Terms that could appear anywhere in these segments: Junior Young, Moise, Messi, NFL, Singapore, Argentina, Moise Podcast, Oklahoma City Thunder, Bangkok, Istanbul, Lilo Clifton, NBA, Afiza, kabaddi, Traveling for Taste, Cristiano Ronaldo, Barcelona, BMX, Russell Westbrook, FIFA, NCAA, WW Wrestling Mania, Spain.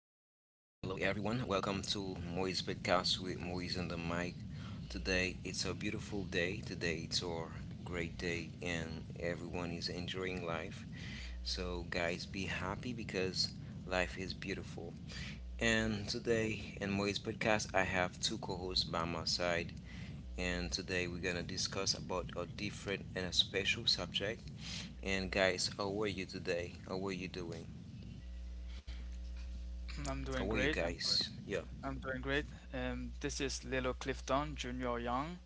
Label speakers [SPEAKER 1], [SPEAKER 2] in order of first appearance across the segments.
[SPEAKER 1] hello, everyone. Welcome to Moise Podcast with Moise on the mic. Today it's a beautiful day. Today it's our great day, and everyone is enjoying life. So, guys, be happy because life is beautiful. And today in Moise Podcast, I have two co hosts by my side. And today we're gonna discuss about a different and a special subject. And guys, how are you today? How are you doing?
[SPEAKER 2] I'm doing
[SPEAKER 1] How are you
[SPEAKER 2] great. I'm good.
[SPEAKER 1] guys? Yeah.
[SPEAKER 2] I'm doing great. This is Lilo Clifton, Junior Young,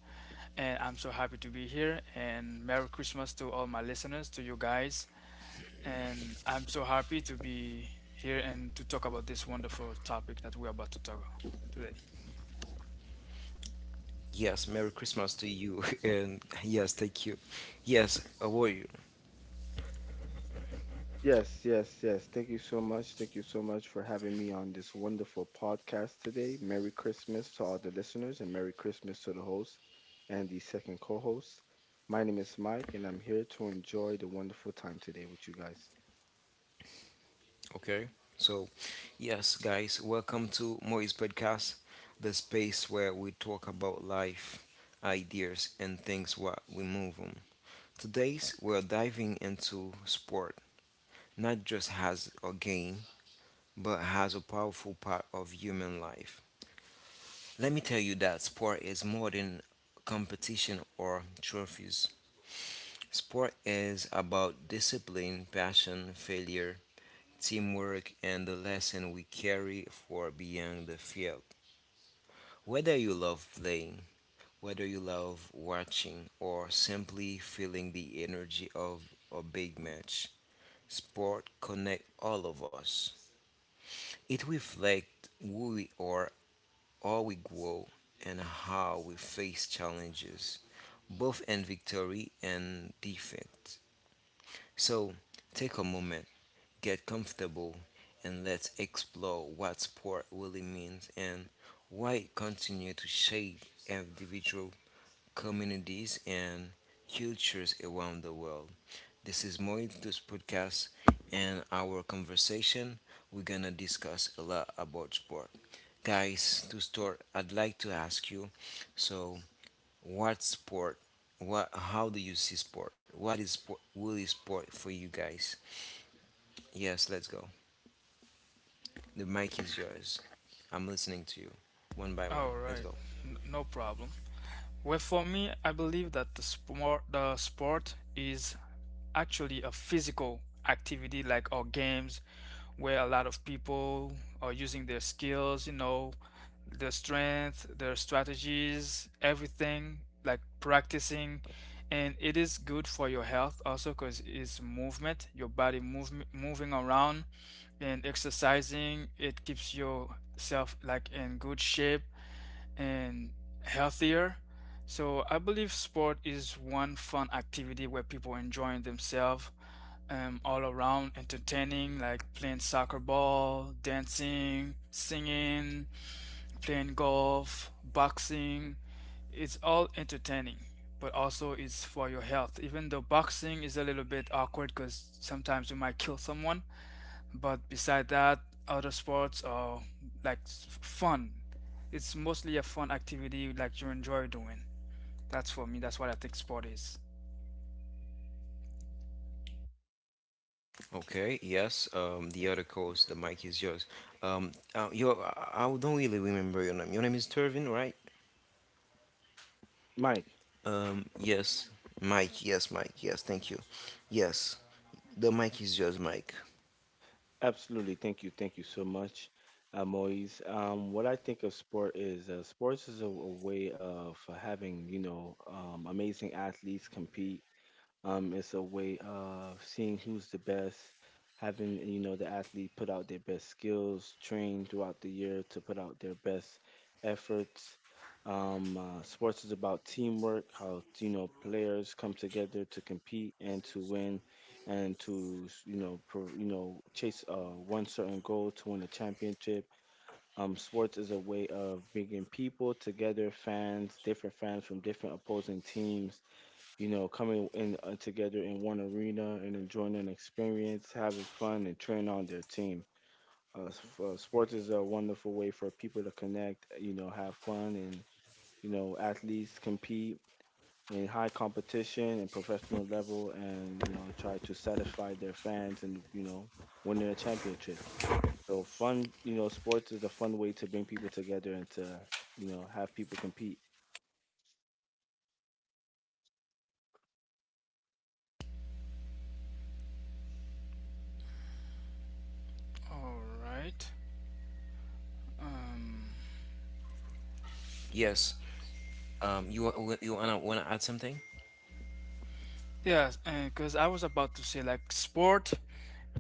[SPEAKER 2] and I'm so happy to be here. And Merry Christmas to all my listeners, to you guys. And I'm so happy to be here and to talk about this wonderful topic that we're about to talk today.
[SPEAKER 1] Yes, Merry Christmas to you. And yes, thank you. Yes, how are you?
[SPEAKER 3] Yes, yes, yes. Thank you so much. Thank you so much for having me on this wonderful podcast today. Merry Christmas to all the listeners and Merry Christmas to the host and the second co host. My name is Mike, and I'm here to enjoy the wonderful time today with you guys.
[SPEAKER 1] Okay. So, yes, guys, welcome to Moise Podcast, the space where we talk about life, ideas, and things what we move on. Today's we're diving into sport, not just as a game, but as a powerful part of human life. Let me tell you that sport is more than competition or trophies. Sport is about discipline, passion, failure, teamwork, and the lesson we carry for beyond the field. Whether you love playing, whether you love watching, or simply feeling the energy of a big match, sport connects all of us. It reflects who we are, how we grow, and how we face challenges, both in victory and defeat. So take a moment, get comfortable, and let's explore what sport really means and why it continues to shape individual communities and cultures around the world. This is Moito's podcast and our conversation. We're gonna discuss a lot about sport. Guys, to start, I'd like to ask you, so, what sport? How do you see sport? What is sport, really sport for you guys? Yes, let's go. The mic is yours. I'm listening to you one by one.
[SPEAKER 2] All
[SPEAKER 1] Let's
[SPEAKER 2] right,
[SPEAKER 1] go.
[SPEAKER 2] No problem. Well, for me, I believe that the sport is actually a physical activity like our games, where a lot of people are using their skills, you know, their strength, their strategies, everything, like practicing. And it is good for your health also because it's movement, your moving around and exercising. It keeps yourself like in good shape and healthier. So I believe sport is one fun activity where people enjoying themselves all around, entertaining, like playing soccer ball, dancing, singing, playing golf, boxing, it's all entertaining, but also it's for your health. Even though boxing is a little bit awkward because sometimes you might kill someone, but beside that, other sports are like fun. It's mostly a fun activity like you enjoy doing. That's for me. That's what I think sport is.
[SPEAKER 1] Okay, yes, the other host, the mic is yours. You, I don't really remember your name. Your name is Turvin, right?
[SPEAKER 3] Mike,
[SPEAKER 1] Yes, Mike, yes, Mike, yes, thank you. Yes, the mic is yours, Mike.
[SPEAKER 3] absolutely. Thank you. Thank you so much, Moise. What I think of sport is sports is a way of having, amazing athletes compete. It's a way of seeing who's the best, having, you know, the athlete put out their best skills, train throughout the year to put out their best efforts. Sports is about teamwork, how, you know, players come together to compete and to win and to you know you know chase one certain goal to win a championship. Sports is a way of bringing people together, fans, different fans from different opposing teams. You know, coming in together in one arena and enjoying an experience, having fun, and cheering on their team. Sports is a wonderful way for people to connect. You know, have fun and you know athletes compete a high competition and professional level and you know try to satisfy their fans and you know winning a championship so fun you know sports is a fun way to bring people together and to you know have people compete.
[SPEAKER 2] All right. Um.
[SPEAKER 1] Yes, you wanna add something?
[SPEAKER 2] Yes, because I was about to say like sport,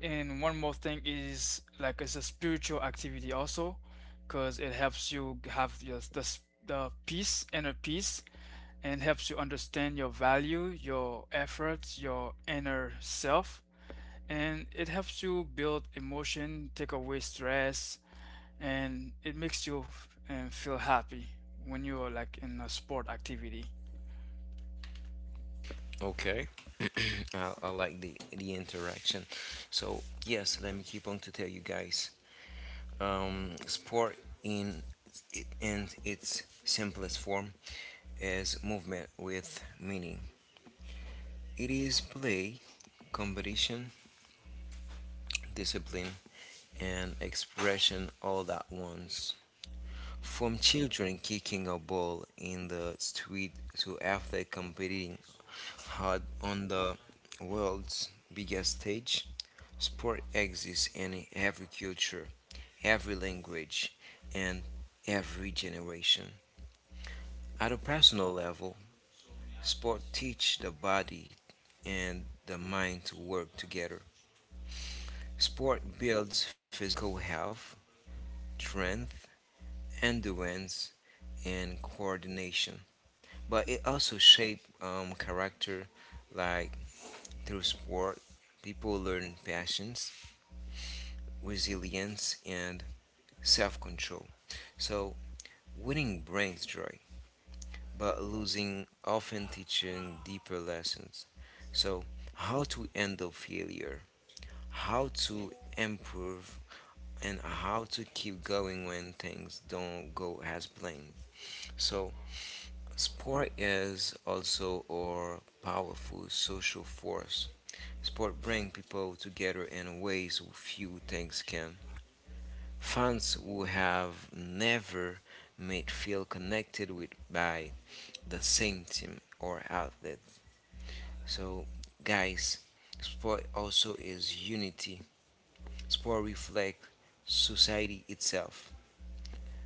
[SPEAKER 2] and one more thing is like it's a spiritual activity also, because it helps you have the peace inner peace, and helps you understand your value, your efforts, your inner self, and it helps you build emotion, take away stress, and it makes you f- and feel happy when you're like in a sport activity.
[SPEAKER 1] Okay. I like the interaction. So yes, let me keep on to tell you guys. Sport in in its simplest form is movement with meaning. It is play, competition, discipline, and expression all at once. From children kicking a ball in the street to athletes competing hard on the world's biggest stage, sport exists in every culture, every language, and every generation. At a personal level, sport teach the body and the mind to work together. Sport builds physical health, strength, endurance, and coordination. But it also shapes character, like through sport, people learn passions, resilience, and self control. So, winning brings joy, but losing often teaches deeper lessons. So, how to handle failure, how to improve, and how to keep going when things don't go as planned. So, sport is also a powerful social force. Sport brings people together in ways few things can. Fans who have never met feel connected with by the same team or outlet. So, guys, sport also is unity. Sport reflects society itself.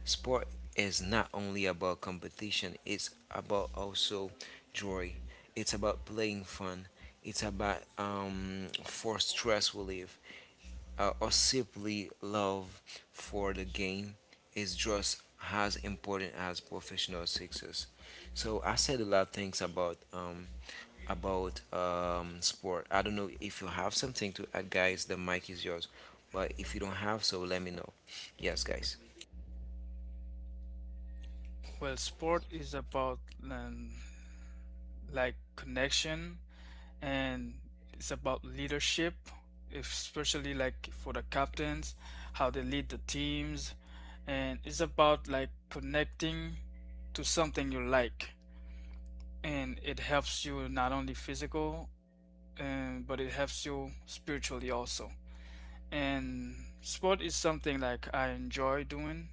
[SPEAKER 1] Sport is not only about competition, it's about also joy. It's about playing fun. It's about for stress relief or simply love for the game is just as important as professional success. So I said a lot of things about sport. I don't know if you have something to add, guys. The mic is yours, but if you don't have, so let me know. Yes, guys.
[SPEAKER 2] Well, sport is about like connection and it's about leadership, especially like for the captains, how they lead the teams. And it's about like connecting to something you like, and it helps you not only physical, and but it helps you spiritually also. And sport is something like I enjoy doing.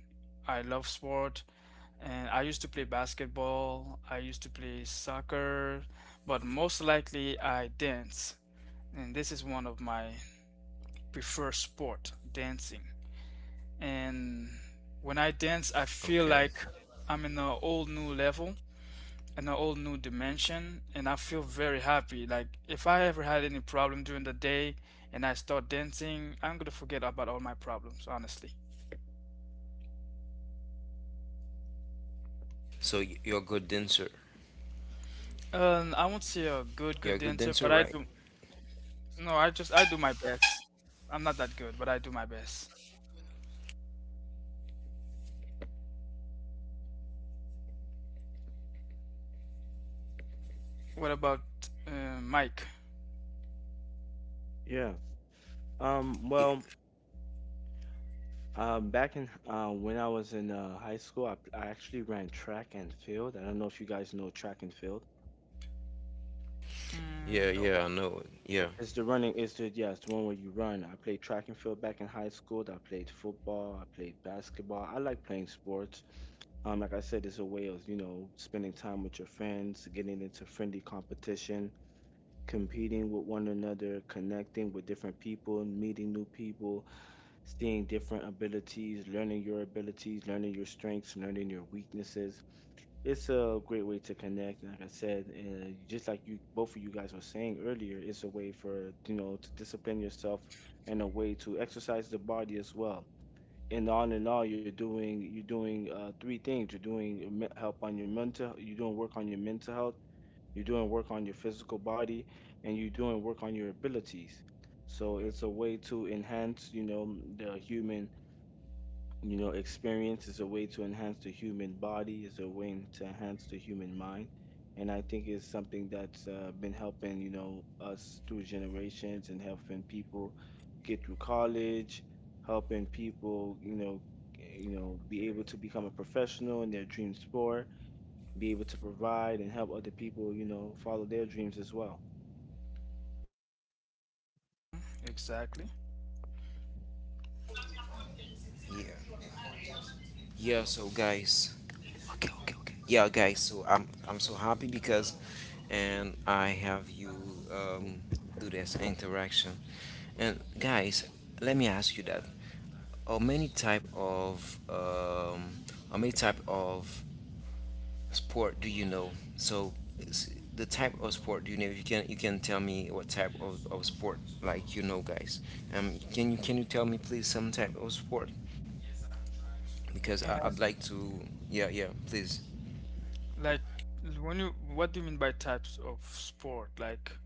[SPEAKER 2] I love sport, and I used to play basketball, I used to play soccer, but most likely I dance. And this is one of my preferred sport, dancing. And when I dance, I feel
[SPEAKER 1] Okay.
[SPEAKER 2] like I'm in a whole new level, in a whole new dimension, and I feel very happy. Like if I ever had any problem during the day and I start dancing, I'm gonna forget about all my problems, honestly.
[SPEAKER 1] So you're a good dancer.
[SPEAKER 2] I won't say a good,
[SPEAKER 1] You're
[SPEAKER 2] good
[SPEAKER 1] a good
[SPEAKER 2] dancer,
[SPEAKER 1] dancer,
[SPEAKER 2] but I
[SPEAKER 1] right?
[SPEAKER 2] do. No, I just I do my best. I'm not that good, but I do my best. What about Mike?
[SPEAKER 3] yeah um
[SPEAKER 1] Yeah.
[SPEAKER 3] well um back in when I was in high school I actually ran track and field. I don't know if you guys know track and field.
[SPEAKER 1] Yeah.
[SPEAKER 2] Mm, no,
[SPEAKER 1] Yeah. I know. Yeah.
[SPEAKER 3] It's the running. It's the yeah. It's the one where you run. I played track and field back in high school. I played football. I played basketball. I like playing sports. Like I said, it's a way of you know spending time with your friends, getting into friendly competition, competing with one another, connecting with different people, meeting new people, seeing different abilities, learning your strengths, learning your weaknesses, it's a great way to connect like I said, and just like you both of you guys were saying earlier, it's a way for you know to discipline yourself and a way to exercise the body as well. And all in all, you're doing three things. You're doing your help on your mental, you're doing work on your mental health, you're doing work on your physical body, and you're doing work on your abilities. So it's a way to enhance you know the human, you know, experience. Is a way to enhance the human body, is a way to enhance the human mind. And I think it's something that's been helping, you know, us through generations and helping people get through college, helping people, you know, be able to become a professional in their dream sport, be able to provide and help other people, you know, follow their dreams as well.
[SPEAKER 2] exactly.
[SPEAKER 1] Yeah. Yeah, so guys, okay, okay, okay. Yeah, guys, so I'm so happy because and I have you um do this interaction. And guys, let me ask you that. How many type of how many type of sport do you know? So s- the type of sport do you know? You can tell me what type of sport like you know, guys. Can you tell me please some type of sport because
[SPEAKER 2] Uh,
[SPEAKER 1] I'd like to. Yeah, yeah, please.
[SPEAKER 2] like when you, what do you mean by types of sport? Like,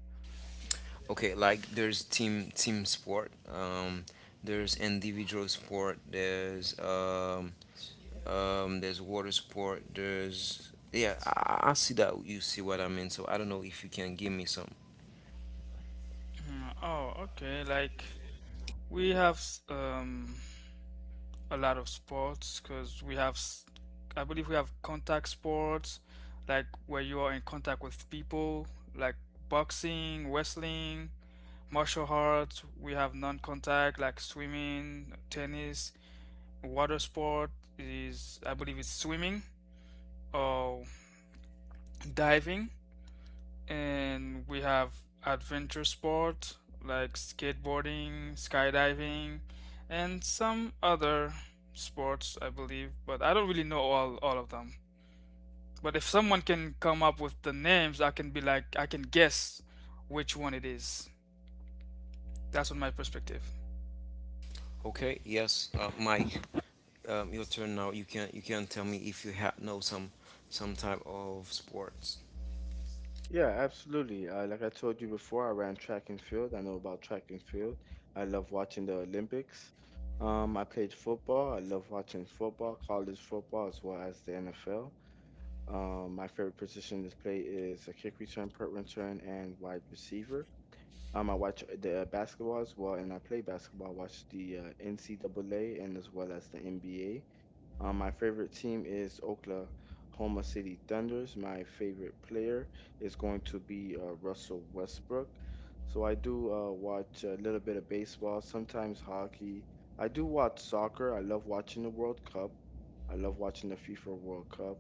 [SPEAKER 1] Okay, like there's team sport, there's individual sport, there's water sport, there's yeah. I see that you see what I mean. So I don't know if you can give me some.
[SPEAKER 2] mm, oh, okay. Like we have um a lot of sports because I believe we have contact sports, like where you are in contact with people, like boxing, wrestling, martial arts. We have non-contact like swimming, tennis. Water sport is, I believe, it's swimming or diving. And we have adventure sport like skateboarding, skydiving, and some other sports I believe, but I don't really know all of them. But if someone can come up with the names, I can be like I can guess which one it is. That's what my perspective.
[SPEAKER 1] Okay, yes, Mike, your turn now. You can tell me if you ha know some type of sports.
[SPEAKER 3] Yeah, absolutely. Like I told you before, I ran track and field. I know about track and field. I love watching the Olympics. I played football. I love watching football, college football, as well as the NFL. My favorite position to play is a kick return, punt return, and wide receiver. I watch the basketball as well, and I play basketball. I watch the NCAA and as well as the NBA. My favorite team is Oklahoma City Thunders. My favorite player is going to be Russell Westbrook. So I do watch a little bit of baseball, sometimes hockey. I do watch soccer. I love watching the World Cup. I love watching the FIFA World Cup.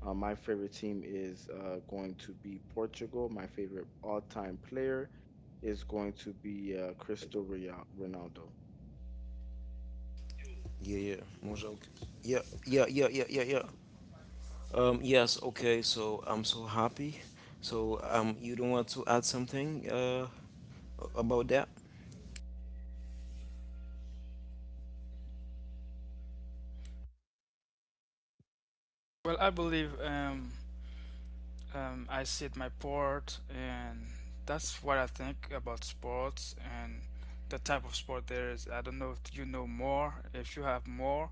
[SPEAKER 3] My favorite team is going to be Portugal. My favorite all-time player is going to be Cristiano Ronaldo.
[SPEAKER 1] Yeah, yeah, more joke. Yeah, yeah, yeah, yeah, yeah, yeah. Yes, okay. So I'm so happy. So you don't want to add something, about that?
[SPEAKER 2] Well, I believe I sit my port, and that's what I think about sports and the type of sport there is. I don't know if you know more. If you have more,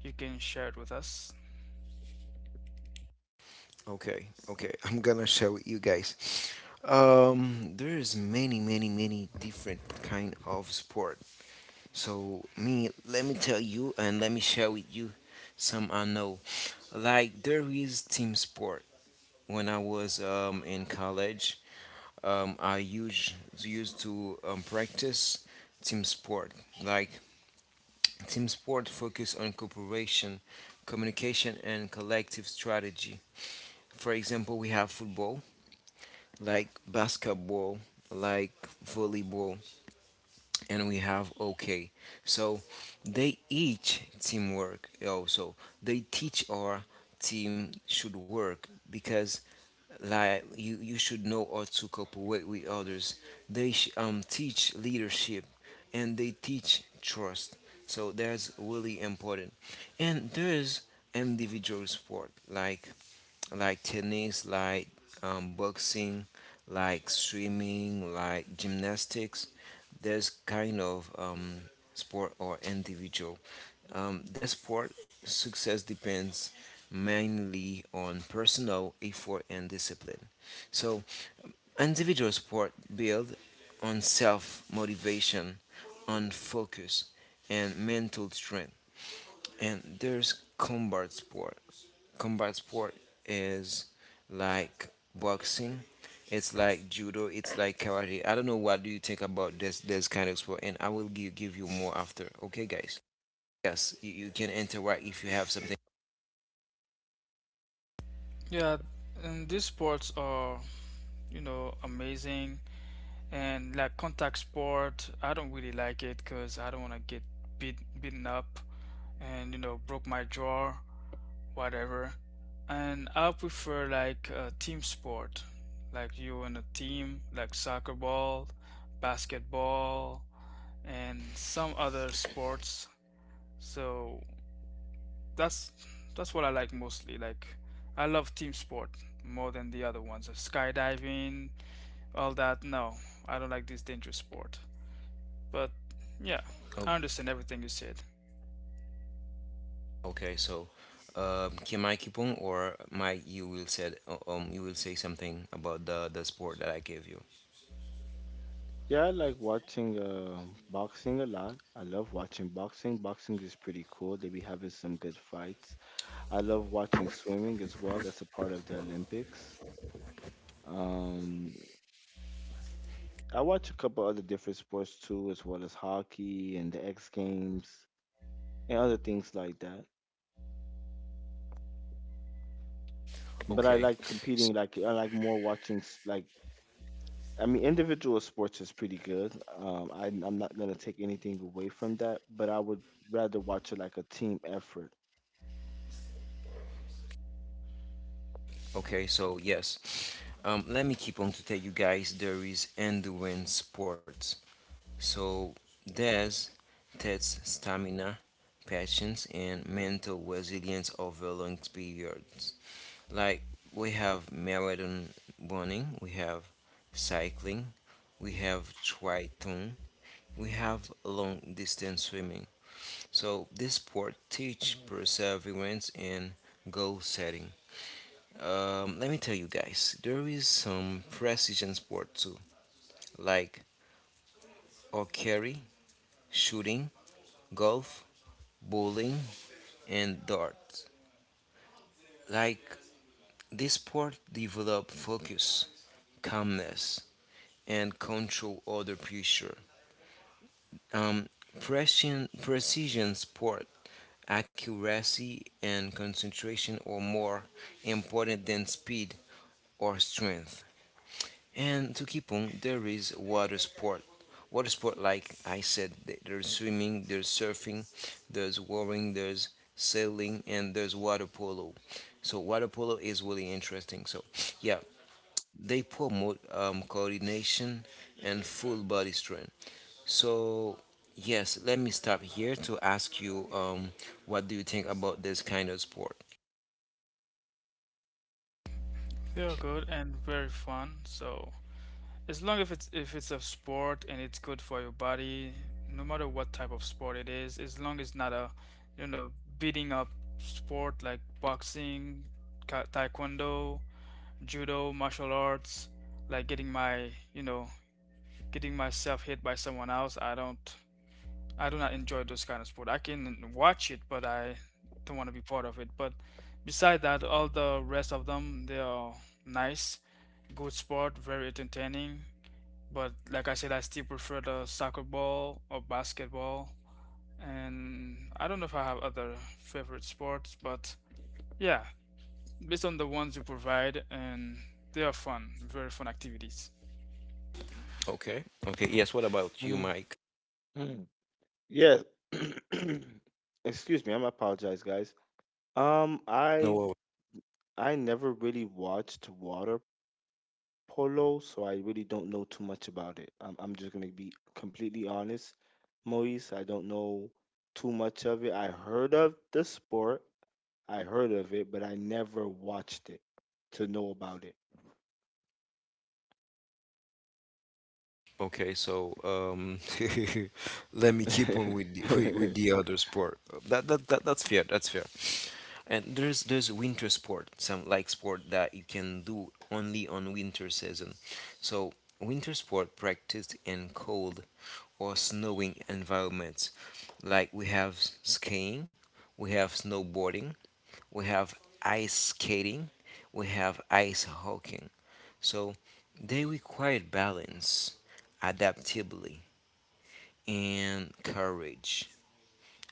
[SPEAKER 2] you can share it with us.
[SPEAKER 1] Okay, okay. I'm gonna share with you guys. There's many, many, many different kind of sport. So me, let me tell you and let me share with you some I know. Like there is team sport. When I was in college, I used to practice team sport. Like team sport focus on cooperation, communication, and collective strategy. For example, we have football, like basketball, like volleyball, and we have okay. So they each teamwork also. They teach our team should work because like you should know how to cooperate with others. Teach leadership and they teach trust. So that's really important. And there's individual sport like tennis, like boxing, like swimming, like gymnastics. There's kind of sport or individual. The sport success depends mainly on personal effort and discipline. So individual sport build on self motivation, on focus, and mental strength, and there's combat sport. Combat sport is like boxing. It's like judo. It's like karate. I don't know what do you think about this kind of sport, and I will give you more after. Okay, guys. Yes, you can interact if you have something.
[SPEAKER 2] Yeah, and these sports are, you know, amazing. And like contact sport, I don't really like it because I don't want to get beaten up and, you know, broke my jaw, whatever. And I prefer like a team sport, like you and a team, like soccer ball, basketball, and some other sports. So that's that's what I like mostly. Like I love team sport more than the other ones. Skydiving, all that. No, I don't like this dangerous sport. But yeah,
[SPEAKER 1] Oh,
[SPEAKER 2] I understand everything you said.
[SPEAKER 1] okay. So, can I keep on, or Mike, you will said you will say something about the sport that I gave you.
[SPEAKER 3] Yeah, I like watching boxing a lot. I love watching boxing. Boxing is pretty cool. They be having some good fights. I love watching swimming as well. That's a part of the Olympics. Um, I watch a couple other different sports too, as well as hockey and the X Games and other things like that. But
[SPEAKER 1] Okay.
[SPEAKER 3] I like competing. Like I like more watching. Like I mean, individual sports is pretty good. I'm not gonna take anything away from that, but I would rather watch it like a team effort.
[SPEAKER 1] Okay, so yes, let me keep on to tell you guys there is endurance sports. So there's tests stamina, patience, and mental resilience over long periods. Like we have marathon running, we have cycling, we have triathlon, we have long distance swimming. So this sport teach perseverance and goal setting. Let me tell you guys, there is some precision sport too, like archery, shooting, golf, bowling, and darts. Like this sport develop focus, calmness, and control under pressure. Um, Precision sport, accuracy and concentration are more important than speed or strength. And to Kipung, there is water sport. Water sport, like I said, there's swimming, there's surfing, there's rowing, there's sailing, and there's water polo. So water polo is really interesting. So yeah, they promote coordination and full body strength. So yes, let me stop here to ask you, what do you think about this kind of sport?
[SPEAKER 2] They are good and very fun. So as long as it's, if it's a sport and it's good for your body, no matter what type of sport it is, as long as not a, you know, beating up sport like boxing, taekwondo, judo, martial arts, like getting my, you know, getting myself hit by someone else, I don't, I do not enjoy those kind of sport. I can watch it, but I don't want to be part of it. But beside that, all the rest of them, they are nice, good sport, very entertaining, but like I said, I still prefer the soccer ball or basketball. And I don't know if I have other favorite sports, but yeah, based on the ones you provide, and they are fun, very fun activities.
[SPEAKER 1] Okay. Okay. Yes. What about you, Mike?
[SPEAKER 3] Mm, yeah. Excuse me. I'm apologize, guys. Um, I
[SPEAKER 1] No.
[SPEAKER 3] I never really watched water polo, so I really don't know too much about it. I'm just gonna be completely honest, Moise. I don't know too much of it. I heard of the sport, I heard of it, but I never watched it to know about
[SPEAKER 1] Okay, so let me keep on with with
[SPEAKER 3] it.
[SPEAKER 1] the other sport. That's fair. That's fair. And there's winter sport, some like sport that you can do only on winter season. So winter sport practiced in cold or snowing environments, like we have skiing, we have snowboarding, we have ice skating, we have ice hockey. So they required balance, adaptability, and courage.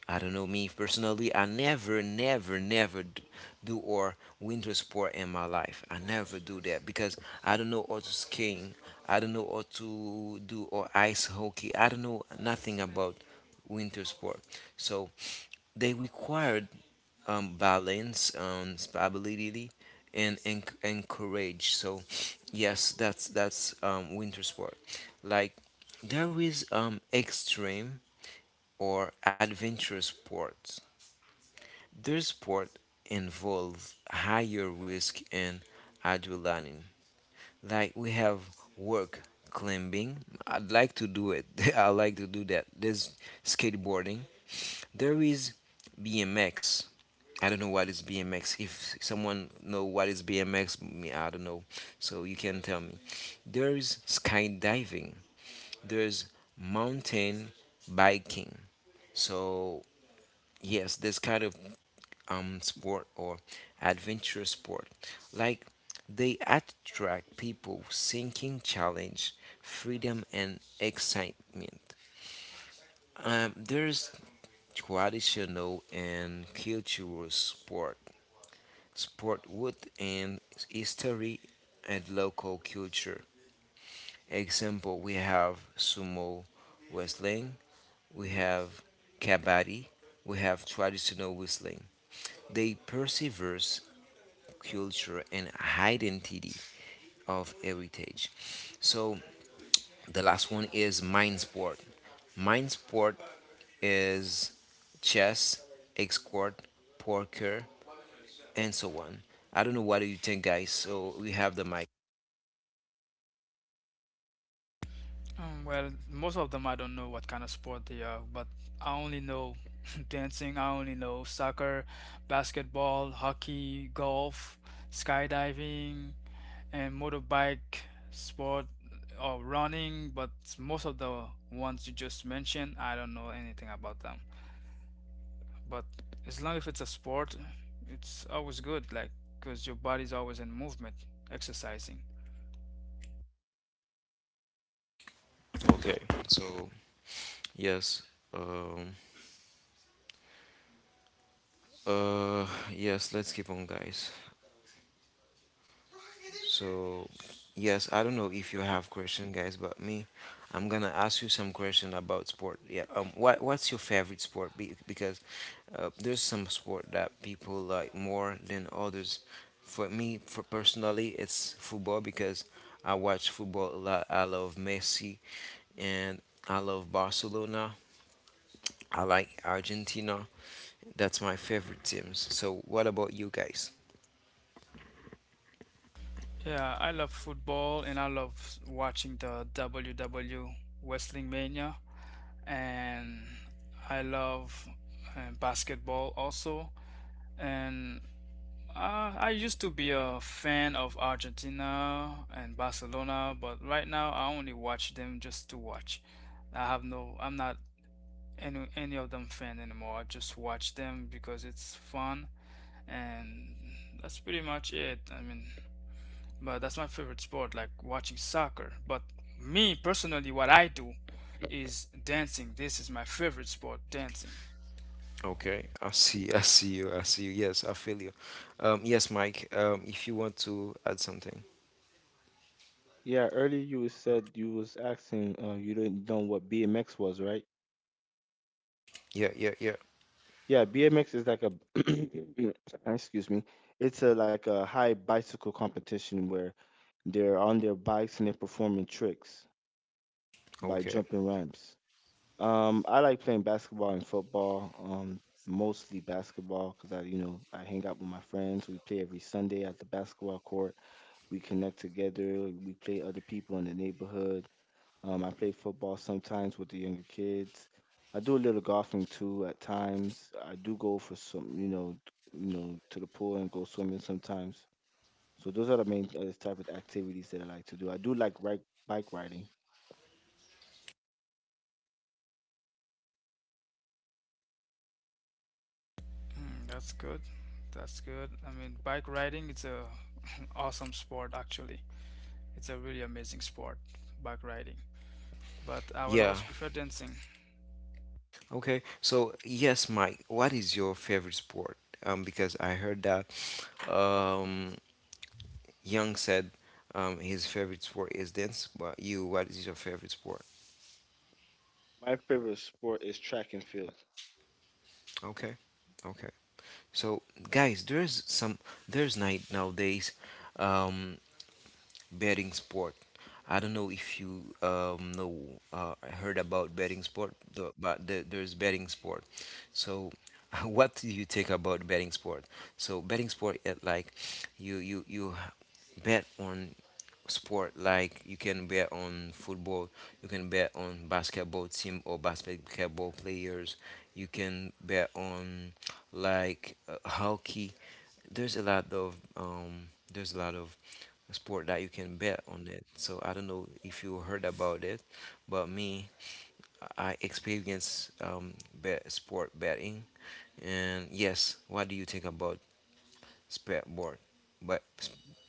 [SPEAKER 1] I don't know, me personally. I never do or winter sport in my life. I never do that because I don't know how to skiing. I don't know how to do or ice hockey. I don't know nothing about winter sport. So they require balance, stability, and encourage. So, yes, that's winter sport. Like there is extreme or adventurous sports. Their sport involve higher risk and adrenaline. Like we have work climbing. I'd like to do it. I like to do that. There's skateboarding. There is BMX. I don't know what is BMX. If someone know what is BMX, me I don't know. So you can tell me. There is skydiving. There's mountain biking. So yes, this kind of sport or adventure sport. Like they attract people seeking challenge, freedom, and excitement. There's traditional and cultural sport, sport with and history and local culture. Example, we have sumo wrestling, we have kabaddi, we have traditional wrestling. They persevere culture, and identity of heritage. So the last one is mind sport. Mind sport is chess, escort, poker, and so on. I don't know what do you think, guys. So we have the mic.
[SPEAKER 2] Well, most of them I don't know what kind of sport they are, but I only know dancing, I only know soccer, basketball, hockey, golf, skydiving, and motorbike sport or running, but most of the ones you just mentioned, I don't know anything about them. But as long as it's a sport, it's always good, like, because your body's always in movement, exercising.
[SPEAKER 1] Okay. So yes. Um. Uh. Yes. Let's keep on, guys. So, yes, I don't know if you have question, guys, but me, I'm gonna ask you some question about sport. Yeah, what's your favorite sport? Because there's some sport that people like more than others. For me, for personally, it's football because I watch football a lot. I love Messi, and I love Barcelona. I like Argentina. That's my favorite teams. So, what about you guys?
[SPEAKER 2] Yeah, I love football and I love watching the WW Wrestling Mania, and I love basketball also. And I used to be a fan of Argentina and Barcelona, but right now I only watch them just to watch. I have no, I'm not any of them fan anymore. I just watch them because it's fun, and that's pretty much it. I mean, but that's my favorite sport, like watching soccer. But me personally, what I do is dancing. This is my favorite sport, dancing.
[SPEAKER 1] Okay, I see, I see you, I see you. Yes, I feel you. Yes, Mike, if you want to add something.
[SPEAKER 3] Yeah, earlier you was said you was asking you didn't know what BMX was, right?
[SPEAKER 1] Yeah, yeah, yeah.
[SPEAKER 3] Yeah, BMX is like a excuse me. It's a like a high bicycle competition where they're on their bikes and they're performing tricks by
[SPEAKER 1] Okay.
[SPEAKER 3] jumping ramps. I like playing basketball and football. Mostly basketball because I, you know, I hang out with my friends. We play every Sunday at the basketball court. We connect together. We play other people in the neighborhood. I play football sometimes with the younger kids. I do a little golfing too at times. I do go for some, you know, to the pool and go swimming sometimes. So those are the main type of activities that I like to do. I do like bike riding.
[SPEAKER 2] Mm, that's good. That's good. I mean, bike riding, it's a awesome sport actually. It's a really amazing sport, bike riding. But I will
[SPEAKER 1] Yeah.
[SPEAKER 2] always prefer dancing.
[SPEAKER 1] Okay. So, yes, Mike, what is your favorite sport? Because I heard that um, Young said his favorite sport is dance, but you, what is your favorite sport?
[SPEAKER 3] My favorite sport is track and field.
[SPEAKER 1] Okay. Okay. So, guys, there's night nowadays. Um, betting sport. I don't know if you know uh, heard about betting sport, there's betting sport. So, what do you think about betting sport? So, betting sport it like you bet on sport, like you can bet on football, you can bet on basketball team or basketball players, you can bet on like hockey. There's a lot of there's a lot of sport that you can bet on it. So I don't know if you heard about it, but me, I experience sport betting. And yes, what do you think about sport board? But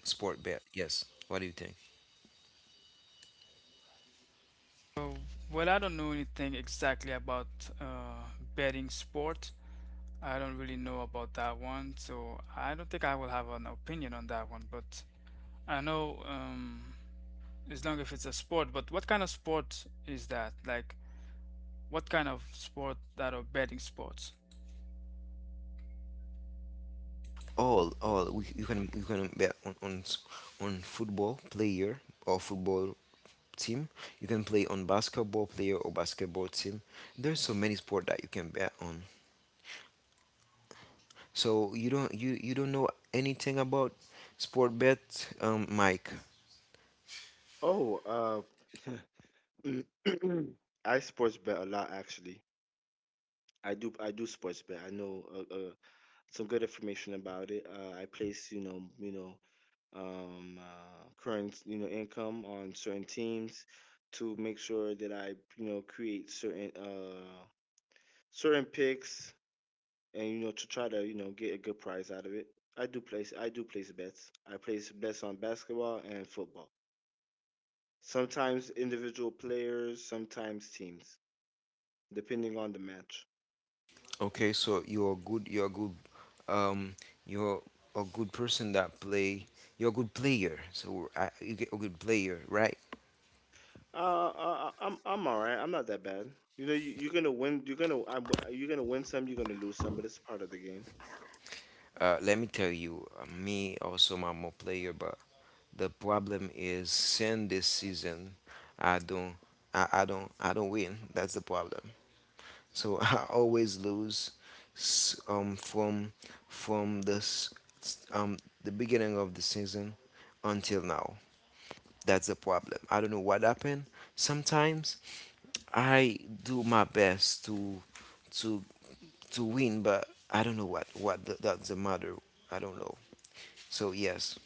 [SPEAKER 1] sport bet, yes. What do you think?
[SPEAKER 2] So, well, I don't know anything exactly about uh, betting sport. I don't really know about that one, so I don't think I will have an opinion on that one. But I know, as long as it's a sport. But what kind of sport is that? Like, what kind of sport that are betting sports?
[SPEAKER 1] You can bet on, on football player or football team. You can play on basketball player or basketball team. There's so many sport that you can bet on. So you don't know anything about sport bet, Mike?
[SPEAKER 3] Oh, uh, I sports bet a lot actually. I do sports bet. I know a, some good information about it. I place, current, you know, income on certain teams to make sure that I, you know, create certain certain picks and you know to try to you know get a good prize out of it. I do place bets. I place bets on basketball and football. Sometimes individual players, sometimes teams, depending on the match.
[SPEAKER 1] Okay, so you're good, um you're a good person that play. You're a good player, so you get a good player, right?
[SPEAKER 3] I'm all right. I'm not that bad. You know, you're gonna win. You're gonna win some. You're gonna lose some, but it's part of the game.
[SPEAKER 1] Let me tell you, me also I'm a player, but the problem is since this season, I don't, I don't win. That's the problem. So I always lose, from from this, the beginning of the season until now. That's the problem. I don't know what happened. Sometimes I do my best to to win, but I don't know that's the matter. I don't know. So yes,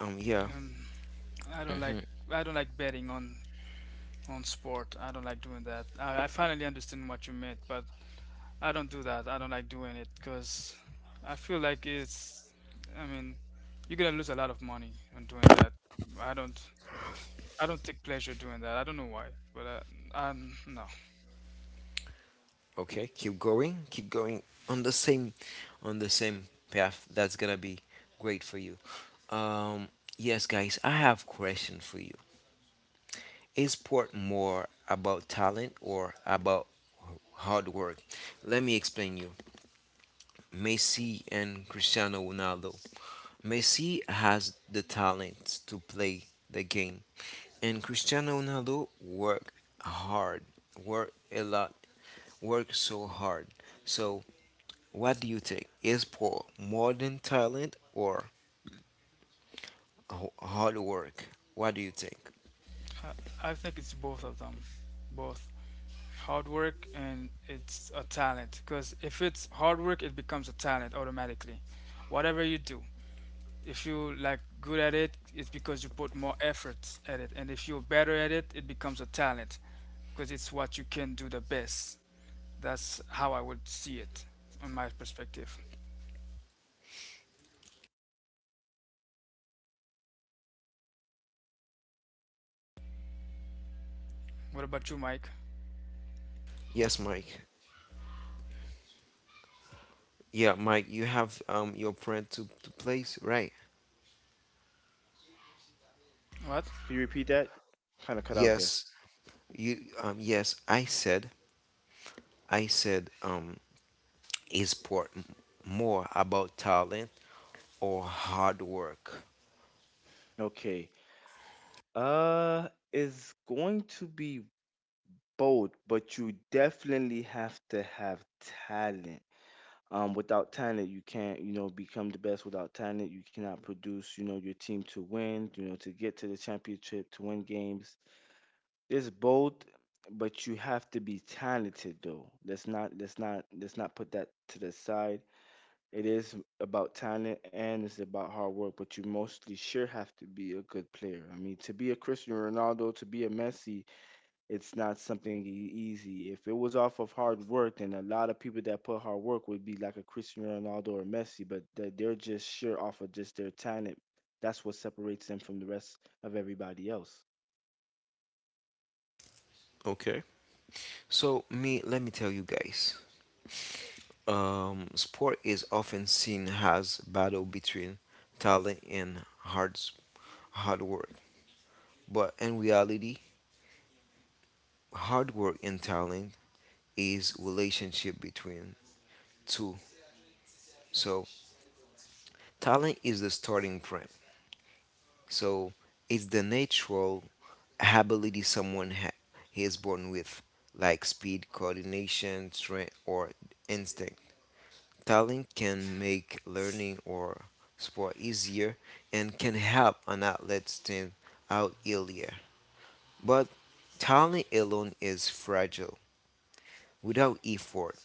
[SPEAKER 1] um, yeah,
[SPEAKER 2] Um, I don't like, I don't like betting on sport. I don't like doing that. I finally understand what you meant, but I don't do that. I don't like doing it because I feel like it's, I mean, you're gonna lose a lot of money on doing that. I don't, I don't take pleasure doing that. I don't know why, but I, I'm no.
[SPEAKER 1] okay, keep going on the same path. That's gonna be great for you. Um, yes, guys, I have question for you. Is sport more about talent or about hard work? Let me explain you. Messi and Cristiano Ronaldo. Messi has the talent to play the game, and Cristiano Ronaldo work hard, work a lot, work so hard. So, what do you think? Is for more than talent or hard work? What do you think?
[SPEAKER 2] I think it's both of them, both hard work and it's a talent. Because if it's hard work, it becomes a talent automatically. Whatever you do, if you like good at it, it's because you put more effort at it, and if you're better at it, it becomes a talent because it's what you can do the best. That's how I would see it on my perspective. What about you, Mike?
[SPEAKER 1] Yes, Mike. Yeah, Mike, you have your friend to place, right?
[SPEAKER 2] What?
[SPEAKER 3] Could you repeat that? Kind of cut out there.
[SPEAKER 1] Yes, you yes, I said is por- more about talent or hard work.
[SPEAKER 3] Okay. It's going to be both, but you definitely have to have talent. Without talent, you can't, you know, become the best. Without talent, you cannot produce, you know, your team to win, you know, to get to the championship, to win games. It's both, but you have to be talented though. Let's not put that to the side. It is about talent and it's about hard work, but you mostly sure have to be a good player. I mean, to be a Cristiano Ronaldo, to be a Messi, it's not something easy. If it was off of hard work, then a lot of people that put hard work would be like a Cristiano Ronaldo or Messi, but they're just sure off of just their talent. That's what separates them from the rest of everybody else.
[SPEAKER 1] Okay. So me, let me tell you guys. Sport is often seen as battle between talent and hard work, but in reality, hard work and talent is relationship between two. So talent is the starting point. So it's the natural ability is born with, like speed, coordination, strength, or instinct. Talent can make learning or sport easier and can help an athlete stand out earlier. But talent alone is fragile. Without effort,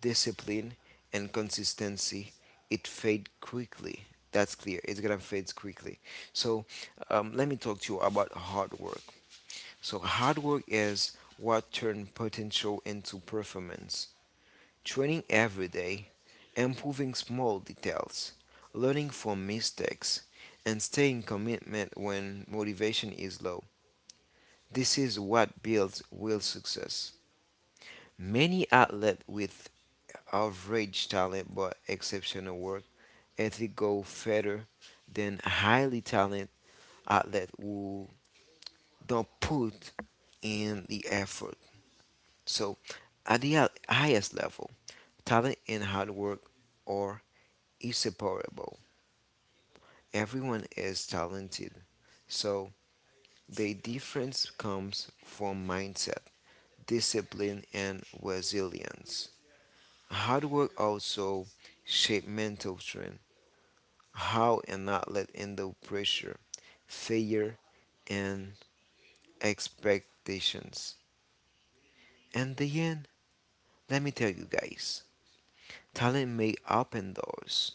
[SPEAKER 1] discipline, and consistency, it fades quickly. That's clear. It's gonna fade quickly. So let me talk to you about hard work. So, hard work is what turns potential into performance. Training every day, improving small details, learning from mistakes, and staying commitment when motivation is low. This is what builds real success. Many athletes with average talent but exceptional work ethic go further than highly talented athletes who don't put in the effort. So, at the highest level, talent and hard work are inseparable. Everyone is talented, so the difference comes from mindset, discipline, and resilience. Hard work also shapes mental strength, how an athlete handles pressure, failure, and expectations. And the end, let me tell you guys, talent may open doors,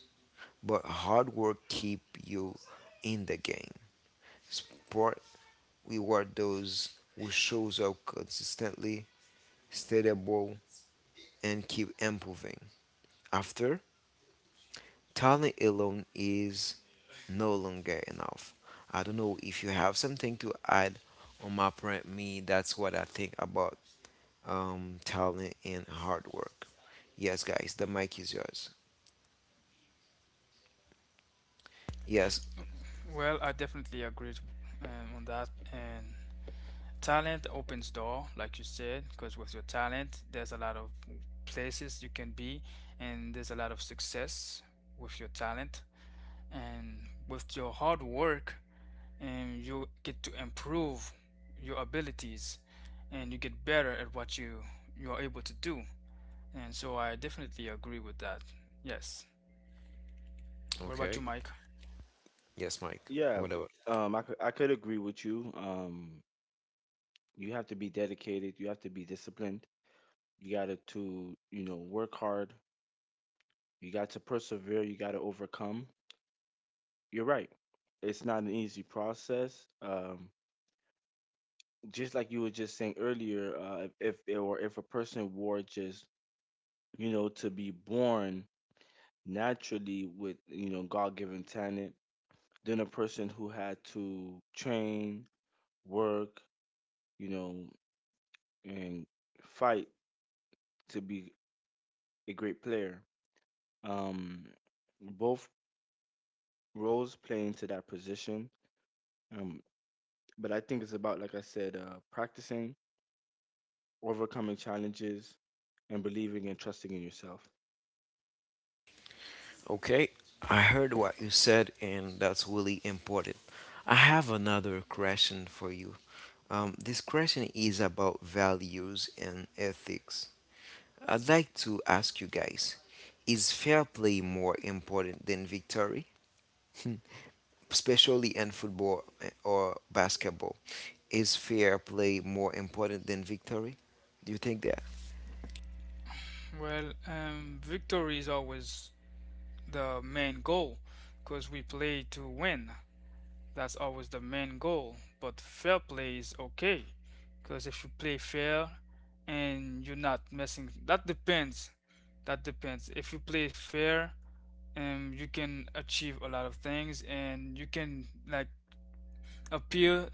[SPEAKER 1] but hard work keep you in the game. Sport reward those who shows up consistently, stable, and keep improving. After talent alone is no longer enough. I don't know if you have something to add on my point. Me. That's what I think about talent and hard work. Yes, guys, the mic is yours. Yes.
[SPEAKER 2] Well, I definitely agree, on that, and talent opens door like you said, because with your talent there's a lot of places you can be, and there's a lot of success with your talent. And with your hard work, and you get to improve your abilities, and you get better at what you are able to do. And so I definitely agree with that. Yes, what about
[SPEAKER 1] Okay.
[SPEAKER 2] you, Mike?
[SPEAKER 1] Yes, Mike.
[SPEAKER 3] Yeah,
[SPEAKER 1] Whatever.
[SPEAKER 3] I could agree with you. You have to be dedicated. You have to be disciplined. You gotta to you know work hard. You got to persevere. You got to overcome. You're right. It's not an easy process. Just like you were just saying earlier, if a person were just you know to be born naturally with you know God-given talent, then a person who had to train, work, you know, and fight to be a great player. Um, both roles play into that position. Um, but I think it's about, like I said, practicing, overcoming challenges, and believing and trusting in yourself.
[SPEAKER 1] Okay, I heard what you said, and that's really important. I have another question for you. This question is about values and ethics. I'd like to ask you guys, is fair play more important than victory? Especially in football eh, or basketball. Is fair play more important than victory? Do you think that?
[SPEAKER 2] Well, victory is always the main goal, because we play to win. That's always the main goal. But fair play is okay, because if you play fair and you're not messing, that depends. That depends. If you play fair, you can achieve a lot of things, and you can like appear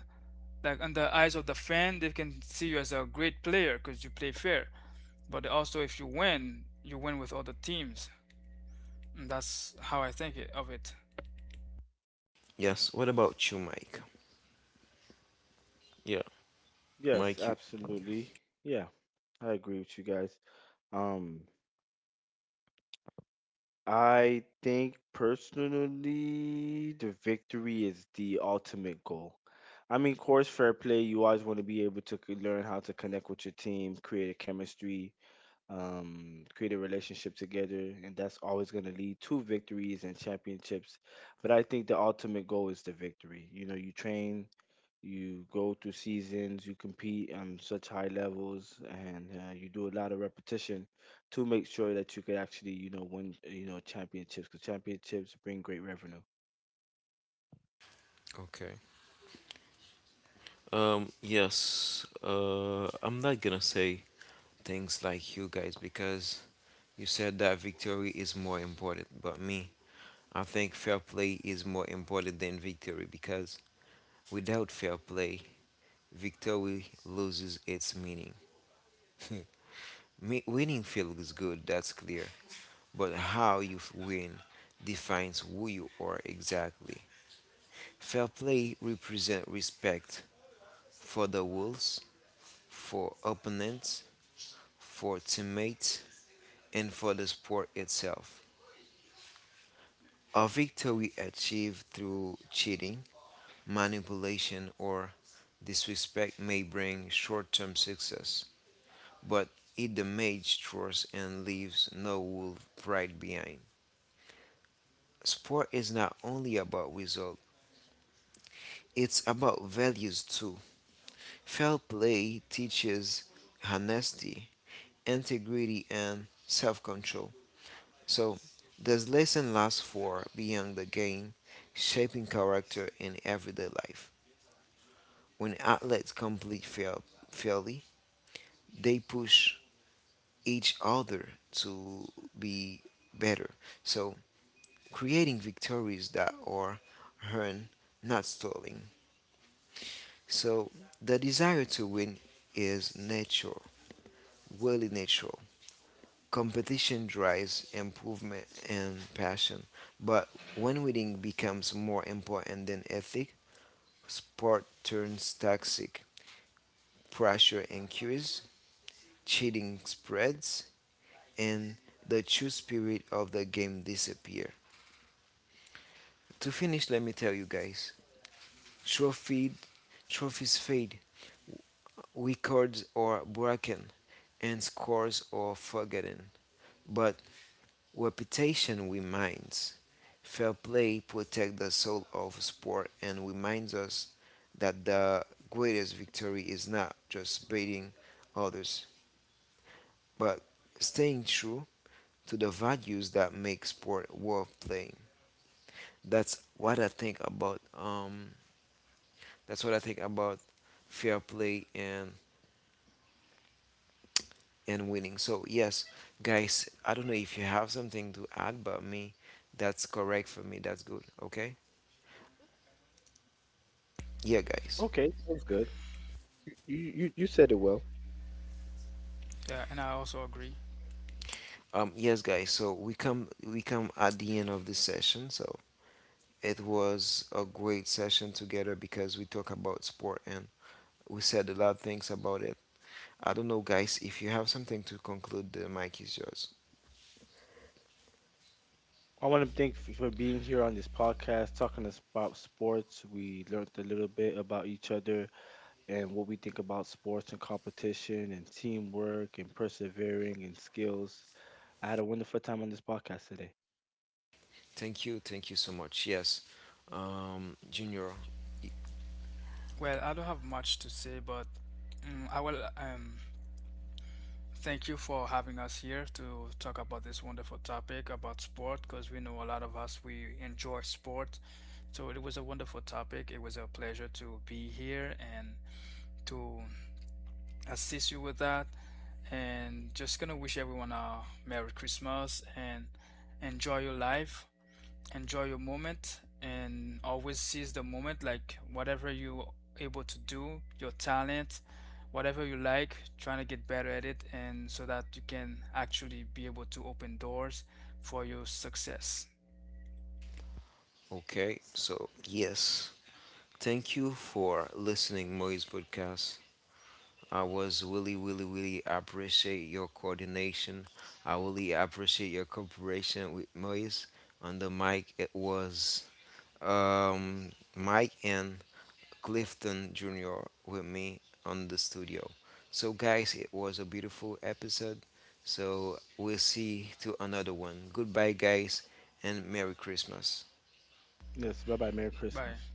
[SPEAKER 2] like on the eyes of the fan. They can see you as a great player because you play fair. But also, if you win, you win with other teams. And that's how I think it, of it.
[SPEAKER 1] Yes. What about you, Mike? Yeah,
[SPEAKER 3] Yes,
[SPEAKER 1] Mike, you.
[SPEAKER 3] absolutely. Yeah, I agree with you guys. Um, I think personally, the victory is the ultimate goal. I mean, course, fair play. You always want to be able to learn how to connect with your team, create a chemistry, create a relationship together, and that's always going to lead to victories and championships. But I think the ultimate goal is the victory. You know, you train, you go through seasons, you compete on such high levels, and you do a lot of repetition to make sure that you could actually, you know, win, you know, championships. Because championships bring great revenue.
[SPEAKER 1] Okay. Yes, I'm not gonna say things like you guys because you said that victory is more important, but me, I think fair play is more important than victory because without fair play, victory loses its meaning. Winning feels good, that's clear, but how you win defines who you are exactly. Fair play represents respect for the rules, for opponents, for teammates, and for the sport itself. A victory achieved through cheating, manipulation, or disrespect may bring short term success, but it damages trust and leaves no wolf pride behind. Sport is not only about results, it's about values too. Fair play teaches honesty, integrity, and self control. So, this lesson lasts for beyond the game, shaping character in everyday life. When athletes complete fail, fairly, they push each other to be better. So, creating victories that are earned, not stolen. So, the desire to win is natural, really natural. Competition drives improvement and passion, but when winning becomes more important than ethic, sport turns toxic. Pressure increases, cheating spreads, and the true spirit of the game disappears. To finish, let me tell you guys: trophy, trophies fade, records are broken, and scores are forgotten. But reputation reminds. Fair play protects the soul of sport and reminds us that the greatest victory is not just beating others, but staying true to the values that make sport worth playing. That's what I think about. That's what I think about fair play and winning. So yes, guys, I don't know if you have something to add, but me, that's correct for me. That's good. Okay. Yeah, guys.
[SPEAKER 3] Okay, sounds good. You said it well.
[SPEAKER 2] Yeah, and I also agree.
[SPEAKER 1] Yes, guys. So we come at the end of this session. So it was a great session together because we talk about sport and we said a lot of things about it. I don't know, guys. If you have something to conclude, the mic is yours.
[SPEAKER 3] I want to thank for being here on this podcast, talking about sports. We learned a little bit about each other and what we think about sports and competition and teamwork and persevering and skills. I had a wonderful time on this podcast today.
[SPEAKER 1] Thank you. Thank you so much. Yes, Junior.
[SPEAKER 2] Well, I don't have much to say, but mm, I will, thank you for having us here to talk about this wonderful topic about sport because we know a lot of us we enjoy sport. So it was a wonderful topic. It was a pleasure to be here and to assist you with that. And just gonna wish everyone a Merry Christmas and enjoy your life, enjoy your moment, and always seize the moment like whatever you able to do, your talent, whatever you like trying to get better at it, and so that you can actually be able to open doors for your success.
[SPEAKER 1] Okay. So yes, thank you for listening, Moise podcast. I was really, really, really appreciate your coordination. I really appreciate your cooperation with Moise on the mic. It was Mike and Clifton Jr. with me on the studio. So, guys, it was a beautiful episode. So, we'll see to another one. Goodbye, guys, and Merry Christmas.
[SPEAKER 3] Yes, bye bye. Merry
[SPEAKER 2] Bye.
[SPEAKER 3] Christmas.